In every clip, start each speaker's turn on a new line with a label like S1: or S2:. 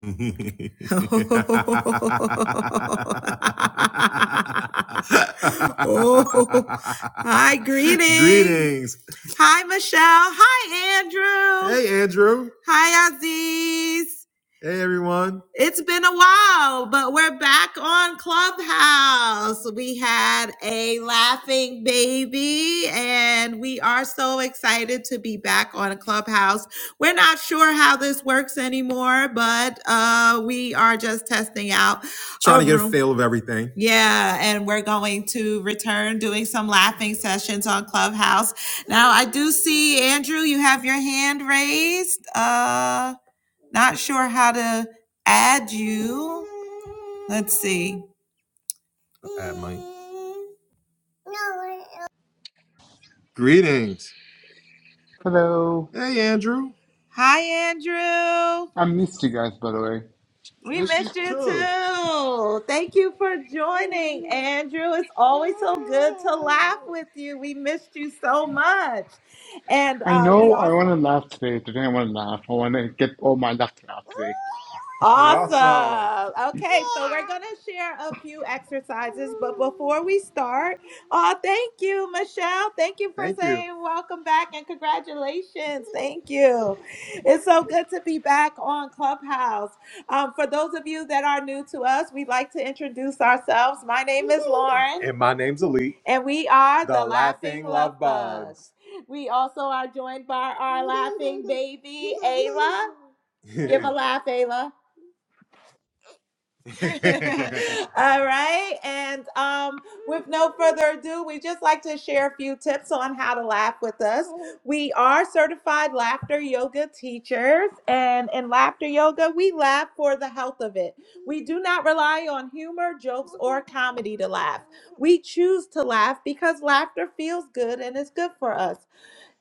S1: oh, hi, greetings. Greetings. Hi, Michelle. Hi, Andrew. Hey, Andrew. Hi, Aziz. Hey, everyone. It's been a while, but we're back on Clubhouse. We had a laughing baby, and we are so excited to be back on Clubhouse. We're not sure how this works anymore, but uh, we are just testing out Trying to get a feel of everything. Yeah, and we're going to return doing some laughing sessions on Clubhouse. Now, I do see Andrew, you have your hand raised. Uh, not sure how to add you. Let's see. Add Mike. Greetings.
S2: Hello.
S1: Hey, Andrew. Hi, Andrew.
S2: I missed you guys, by the way.
S1: We Miss you missed you too. too. Thank you for joining, Andrew. It's always so good to laugh with you. We missed you so much. And
S2: I
S1: uh, we
S2: know I
S1: also
S2: want to laugh today. Today I want to laugh. I want to get all my laughter out today.
S1: Awesome. Awesome. Okay, so we're going to share a few exercises, but before we start, oh, thank you, Michelle. Thank you for Thank you. saying welcome back and congratulations. Thank you. It's so good to be back on Clubhouse. Um, for those of you that are new to us, we'd like to introduce ourselves. My name is Lauren. And my name's Elite, And we are the the Laughing Love Love Bugs. We also are joined by our laughing baby, Ayla. Give a Hey, laugh, Ayla. All right. And um, with no further ado, we just like to share a few tips on how to laugh with us. We are certified laughter yoga teachers, and in laughter yoga, we laugh for the health of it. We do not rely on humor, jokes, or comedy to laugh. We choose to laugh because laughter feels good and is good for us.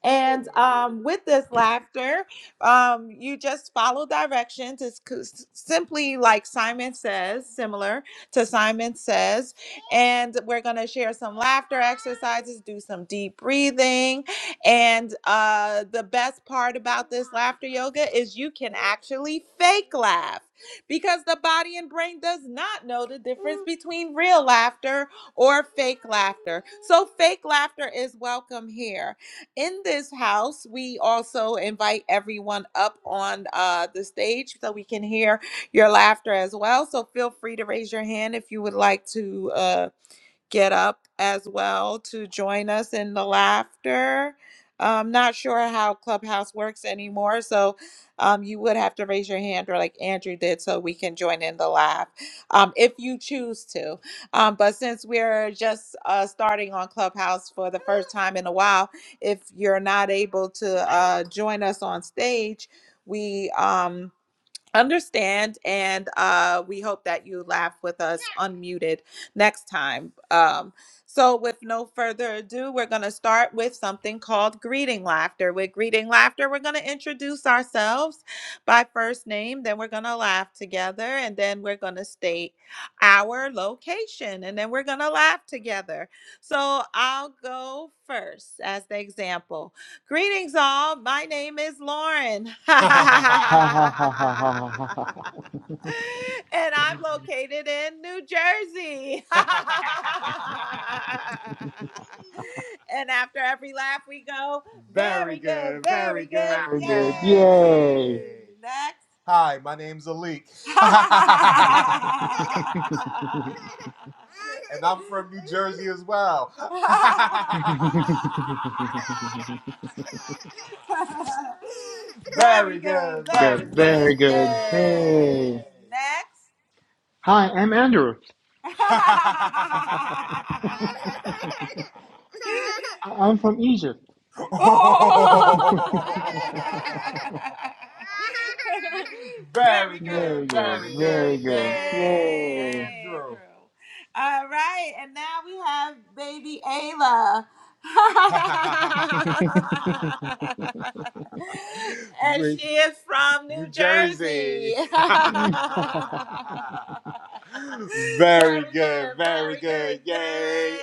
S1: And um, with this laughter, um, you just follow directions. It's co- simply like Simon says, similar to Simon says. And we're going to share some laughter exercises, do some deep breathing. And uh, the best part about this laughter yoga is you can actually fake laugh because the body and brain does not know the difference between real laughter or fake laughter. So, fake laughter is welcome here in this house, we also invite everyone up on uh, the stage so we can hear your laughter as well. So feel free to raise your hand if you would like to. Uh, get up as well to join us in the laughter. I'm not sure how Clubhouse works anymore, so um, you would have to raise your hand or like Andrew did so we can join in the laugh um, if you choose to. Um, but since we're just uh, starting on Clubhouse for the first time in a while, if you're not able to uh, join us on stage, we. Um, understand and uh we hope that you laugh with us unmuted next time um so with no further ado we're going to start with something called greeting laughter with greeting laughter we're going to introduce ourselves by first name then we're going to laugh together and then we're going to state our location and then we're going to laugh together so i'll go first as the example Greetings, all. My name is Lauren. and
S2: Ha ha ha ha ha ha ha ha. ha.
S1: I'm located in New Jersey. and after every laugh, we go, very very good, good, very good. good.
S2: Very good.
S1: Yay.
S2: Yay.
S1: Yay! Next. Hi, my name's Alik. and I'm from New Jersey as well. very good, very
S2: Good.
S1: good.
S2: Very good.
S1: Yay!
S2: Hey.
S1: Next.
S2: Hi, I'm Andrew. I- I'm from Egypt.
S1: Oh. very
S2: Very
S1: good,
S2: good.
S1: very
S2: Very
S1: good.
S2: good.
S1: Yay,
S2: Yay.
S1: Andrew. All right, and now we have baby Ayla. and she is from New New Jersey. Jersey. very very good, very good. good. Yay,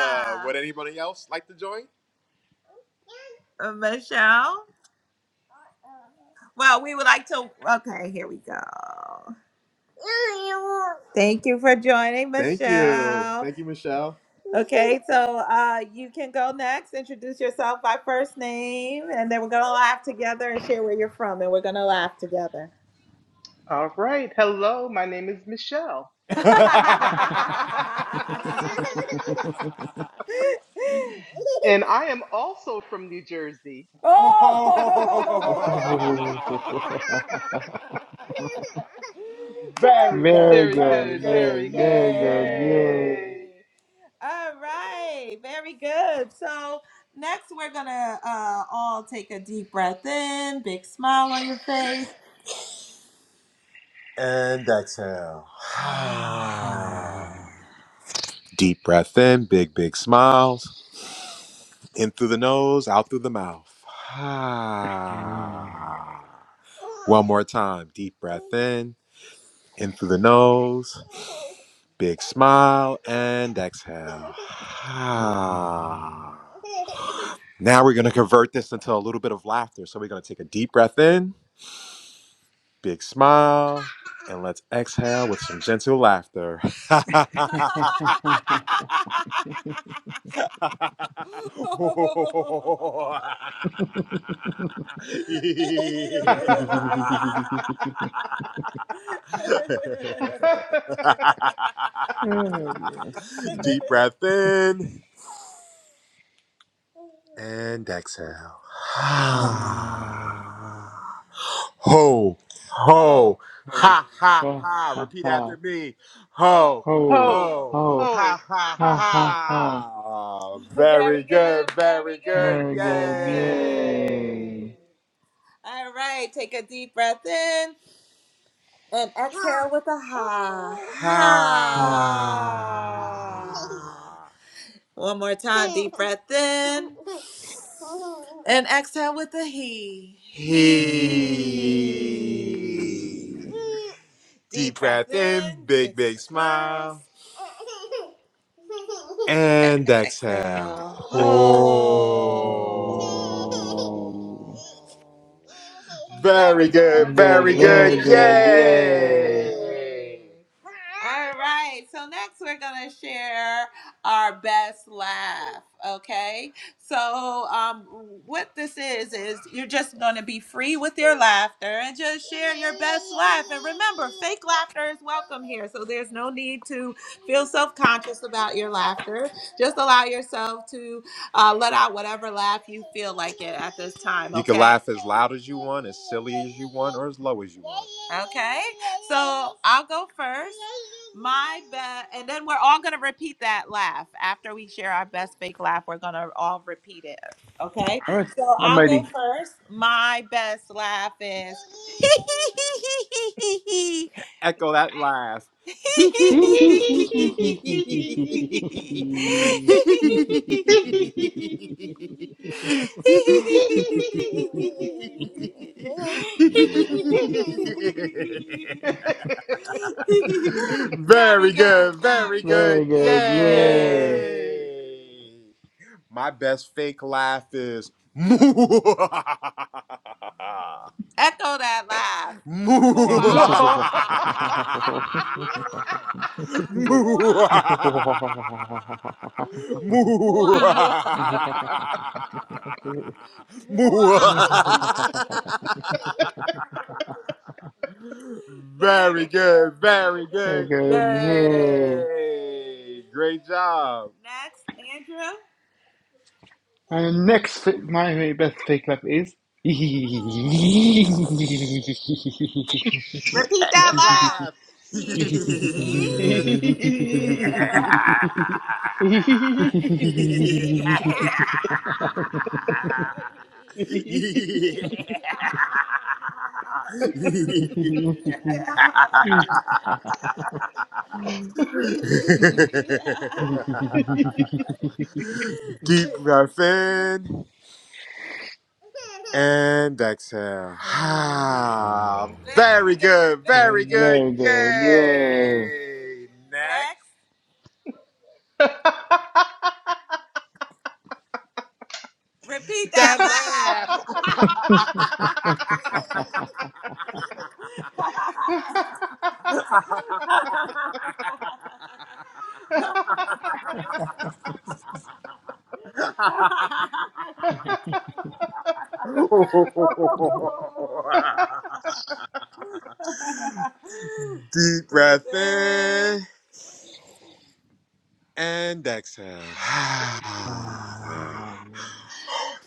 S1: Ayla. Would anybody else like to join? Uh, Michelle? Well, we would like to. Okay, here we go. Thank you for joining, Thank you. Michelle. Thank you, Michelle. Okay, so uh, you can go next. Introduce yourself by first name, and then we're gonna laugh together and share where you're from, and we're gonna laugh together.
S3: All right. Hello, my name is Michelle. and I am also from New Jersey.
S1: oh! Very good.
S2: very
S3: very
S1: Very
S2: good.
S3: good,
S1: good.
S2: Very,
S3: very good.
S2: very good.
S1: Yay.
S2: Yay.
S3: Yay.
S1: All right, very good. So next we're gonna uh all take a deep breath in, big smile on your face. And exhale. Deep breath in, big, big smiles. In through the nose, out through the mouth. One more time. Deep breath in, in through the nose. Big smile and exhale. now we're going to convert this into a little bit of laughter. So we're going to take a deep breath in. Big smile, and let's exhale with some gentle laughter.
S2: Oh, boy.
S1: Deep breath in and exhale. ho, ho,
S2: ho,
S1: ha, ha,
S2: ha,
S1: ha.
S2: ha,
S1: Repeat
S2: ha,
S1: after me. Ho,
S2: ho,
S3: ho,
S1: ho,
S2: ho,
S3: ho,
S1: ha, ha,
S2: ha,
S3: ha,
S2: ha,
S3: ha,
S2: ha.
S3: ha.
S1: ha. Very Very good, good, very very good. good.
S2: Very good,
S1: Yay!
S3: Yay.
S2: yay.
S1: All right, take a deep breath in and with a Ha.
S2: Ah,
S3: Ha.
S1: Ha. One more time, deep breath in. And exhale with a he. He.
S3: He.
S2: yee.
S1: breath in, big, big smile, and exhale. Oh.
S2: Ooh.
S1: Very
S2: Very
S1: good.
S2: good,
S1: Very good.
S2: very
S3: Very good.
S2: good,
S3: Yay.
S2: yay.
S1: Yay. All right. So next we're gonna share our best laugh. Okay. So um, what this is is you're just gonna be free with your laughter and just share your best laugh. And remember, fake laughter is welcome here. So there's no need to Feel self conscious about your laughter. Just allow yourself to uh, let out whatever laugh you feel like it at this time, You can okay? laugh as loud as you want, as silly as you want, or as low as you want. Okay, so I'll go first. My best, and then we're all gonna repeat that laugh after we share our best fake laugh. We're gonna all repeat it. Okay,
S2: All right,
S1: so
S2: I'm
S1: I'll go
S2: ready.
S1: first. My best laugh is. Echo that laugh. Very good. very good.
S2: Very good, yay.
S3: Yay!
S1: Yay! My best fake laugh is Echo that laugh.
S3: Mwah! Mwah!
S1: Very good, very good.
S2: Okay, yay.
S1: Yay! Great job. Next, Andrew.
S2: And next, my best fake clap is.
S1: that loud. Deep breath in. And exhale. Ah, very good,
S2: Good,
S1: very good.
S2: very good, yay.
S1: Yay! Next. repeat that That laugh. laugh. Deep breath in. and exhale.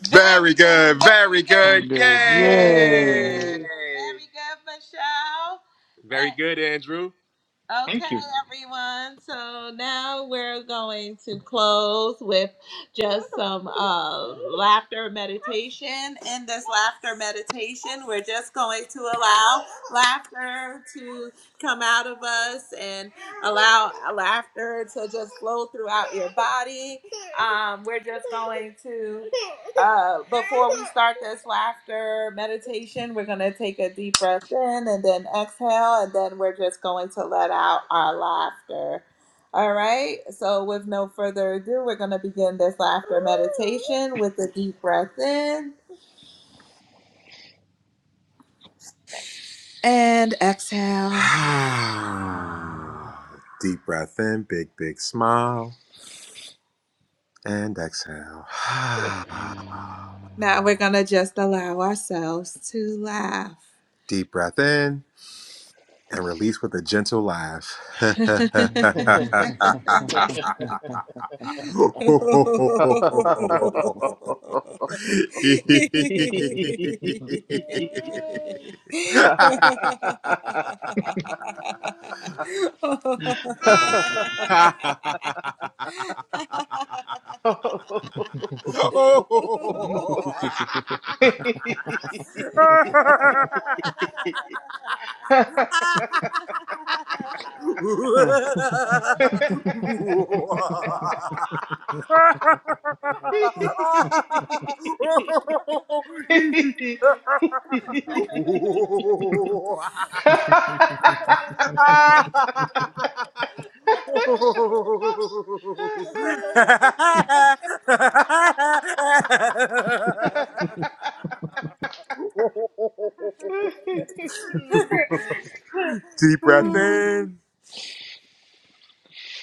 S1: Very very good. good, Very very good. good. Yay.
S2: Good, yay.
S3: Yay!
S1: Very good, Michelle. Very Eh, good, Andrew. Uh, okay,
S2: Thank you.
S1: everyone. So now we're going to close with just some uh, laughter meditation. In this laughter meditation, we're just going to allow laughter to come out of us and allow laughter to just flow throughout your body. Um, we're just going to, uh, before we start this laughter meditation, we're going to take a deep breath in and then exhale, and then we're just going to let out our laughter. All right, so with no further ado, we're going to begin this laughter meditation with a deep breath in. And exhale. Deep breath in, big, big smile, and exhale. Now we're going to just allow ourselves to laugh. Deep breath in and release with a gentle laugh. Deep breath in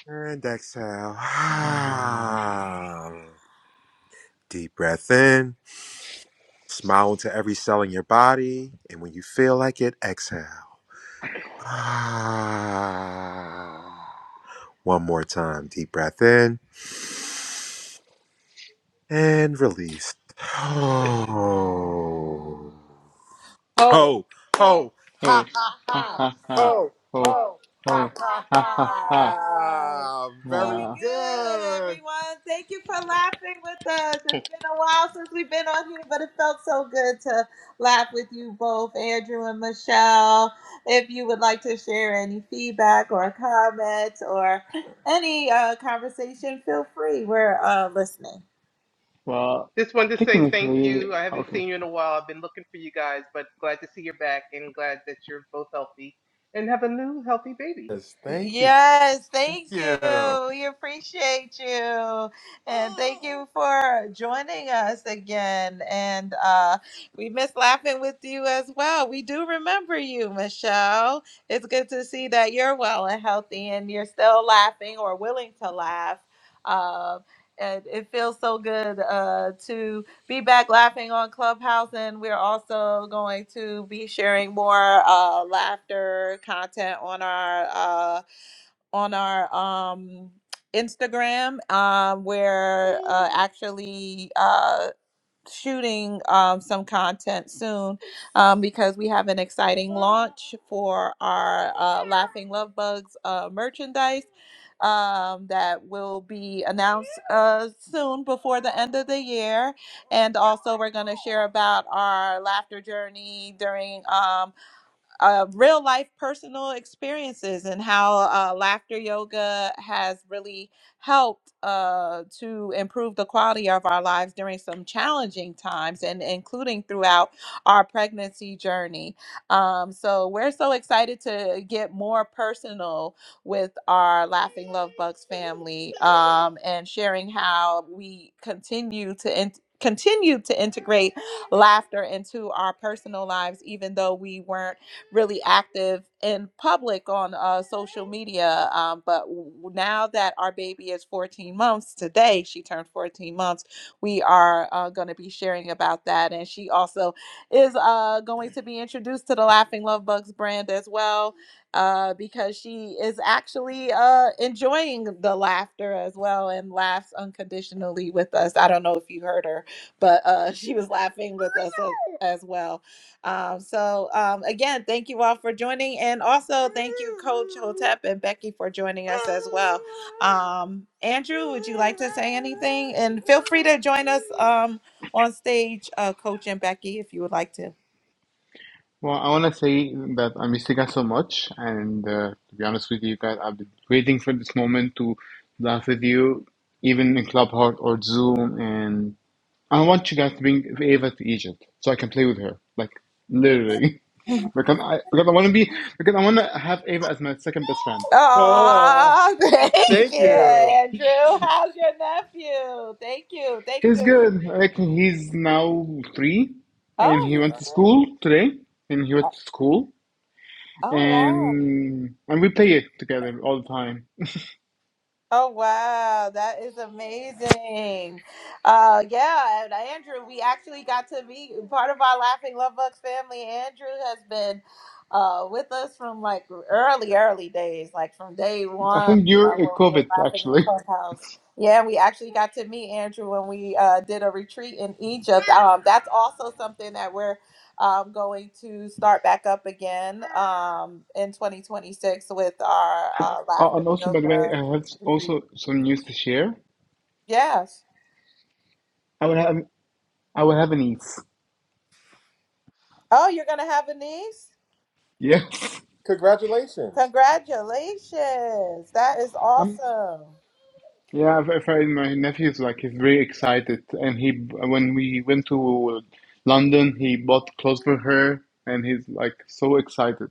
S1: and exhale. Deep breath in. Smile into every cell in your body. And when you feel like it, exhale. One more time. Deep breath in. and release. Oh, Ho, ho,
S2: Oh,
S1: ha, ha,
S2: oh,
S1: ha,
S2: ha
S1: ha,
S2: ha ha.
S1: ho,
S2: Oh,
S1: ho, ha, ha,
S2: oh,
S1: ha,
S2: ha
S1: ha.
S2: ha ha.
S1: ha. Very Very
S2: Uh,
S1: good, good. everyone. Thank you for laughing with us. It's been a while since we've been on here, but it felt so good to laugh with you both, Andrew and Michelle. If you would like to share any feedback or comments or any uh, conversation, feel free. We're uh, listening.
S2: well,
S3: Just wanted to say thank you.
S2: technically,
S3: I haven't
S2: okay.
S3: seen you in a while. I've been looking for you guys, but glad to see you're back and glad that you're both healthy and have a new healthy baby.
S1: Yes, thank you. Yes, thank you. Yeah. We appreciate you. And thank you for joining us again. And uh, we miss laughing with you as well. We do remember you, Michelle. It's good to see that you're well and healthy and you're still laughing or willing to laugh. Um, and it feels so good uh, to be back laughing on Clubhouse, and we're also going to be sharing more uh, laughter content on our uh, on our um, Instagram, um, where uh, actually. Uh, shooting um, some content soon um, because we have an exciting launch for our uh, Laughing Love Bugs uh, merchandise um, that will be announced uh, soon before the end of the year. And also, we're going to share about our laughter journey during. Um, uh, real life personal experiences and how uh, laughter yoga has really helped uh, to improve the quality of our lives during some challenging times and including throughout our pregnancy journey. Um, so we're so excited to get more personal with our Laughing Love Bugs family um, and sharing how we continue to. In- continue to integrate laughter into our personal lives even though we weren't really active in public on uh, social media. Um, but w- now that our baby is 14 months, today she turned 14 months, we are uh, going to be sharing about that. And she also is uh, going to be introduced to the Laughing Love Bugs brand as well. Uh, because she is actually uh, enjoying the laughter as well and laughs unconditionally with us. I don't know if you heard her, but uh, she was laughing with us as, as well. Um, so um, again, thank you all for joining, and also thank you, Coach Hotep and Becky, for joining us as well. Um, Andrew, would you like to say anything? And feel free to join us um, on stage, uh, Coach and Becky, if you would like to.
S2: Well, I want to say that I miss you guys so much, and uh, to be honest with you guys, I've been waiting for this moment to laugh with you, even in Clubhouse or Zoom, and I want you guys to bring Ava to Egypt so I can play with her, like literally.
S1: Oh,
S2: Because I because I want to be because I want to have Ava as my second best friend.
S1: Oh, thank thank you, you. Andrew. How's your nephew? Thank you, thank
S2: He's
S1: you.
S2: good. Like he's now three, and
S1: Oh,
S2: he
S1: he's
S2: went to
S1: good.
S2: school today, and he went to school,
S1: Oh, wow.
S2: and and we play it together all the time.
S1: Oh wow, that is amazing. Uh yeah, and Andrew, we actually got to meet part of our Laughing Love Bucks family. Andrew has been uh with us from like early, early days, like from day
S2: I
S1: one
S2: think
S1: uh,
S2: you're a
S1: when we were
S2: COVID
S1: laughing on
S2: actually.
S1: Clubhouse. Yeah, we actually got to meet Andrew when we uh did a retreat in Egypt. Um that's also something that we're um going to start back up again um in 2026 with our
S2: And,
S1: uh
S2: uh,
S1: laughter
S2: and also, by the way,
S1: yoga
S2: I have
S1: retreat.
S2: also some news to share.
S1: Yes.
S2: I will have I will have a niece.
S1: Oh, you're going to have a niece?
S2: Yes,
S1: Congratulations. Congratulations. That is
S2: I'm
S1: awesome.
S2: Yeah, I've, I've heard my nephew's like he's very excited, and he when we went to London, he bought clothes for her, and he's like so excited.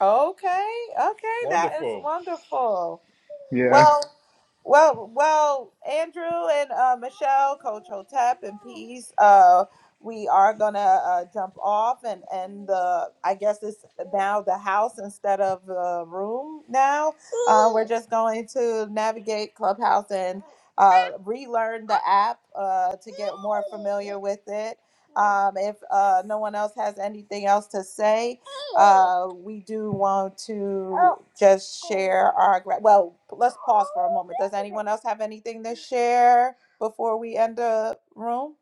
S1: Okay. Okay. That is Wonderful. wonderful.
S2: Yeah,
S1: Well, Well, well, Andrew and uh, Michelle, Coach Hotep, and Peace. Uh, we are gonna uh, jump off and and the I guess it's now the house instead of the room. Now uh, we're just going to navigate Clubhouse and uh, relearn the app uh, to get more familiar with it. Um, if uh, no one else has anything else to say, uh, we do want to just share our. Gra- well, let's pause for a moment. Does anyone else have anything to share before we end the room?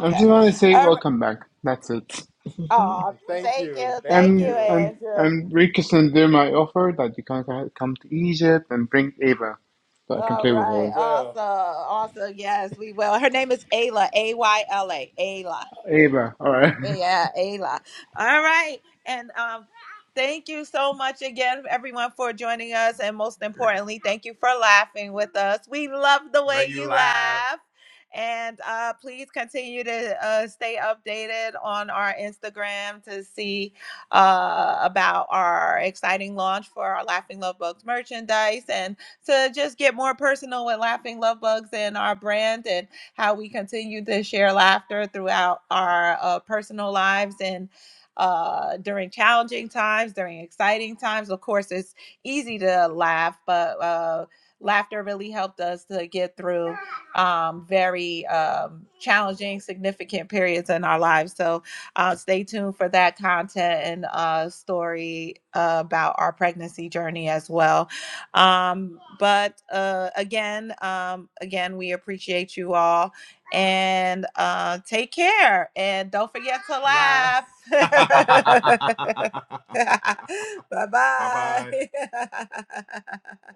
S2: I just want to say
S1: All right.
S2: welcome back. That's it.
S1: Oh, Thank thank you. you. Thank Thank you, you.
S2: And and
S1: Andrew.
S2: and Rikus and there my offer that you can co- come to Egypt and bring Ava, so I can
S1: All
S2: play with
S1: right.
S2: her.
S1: We will. Awesome. Awesome. Yes, we will. Her name is Ayla. A Y L A. Ayla.
S2: Ava, all right.
S1: Yeah, Ayla. All right. And um, thank you so much again, everyone, for joining us. And most importantly, thank you for laughing with us. We love the Love way Love you you laugh. laugh. And uh, please continue to uh, stay updated on our Instagram to see uh, about our exciting launch for our Laughing Love Bugs merchandise and to just get more personal with Laughing Love Bugs and our brand. and how we continue to share laughter throughout our uh, personal lives and uh, during challenging times, during exciting times. Of course, it's easy to laugh, but uh, laughter really helped us to get through um, very um, challenging, significant periods in our lives. So uh, stay tuned for that content and uh, story uh, about our pregnancy journey as well um, but uh, again, um, again, we appreciate you all and uh, take care. And don't forget to Laugh. bye bye bye. bye.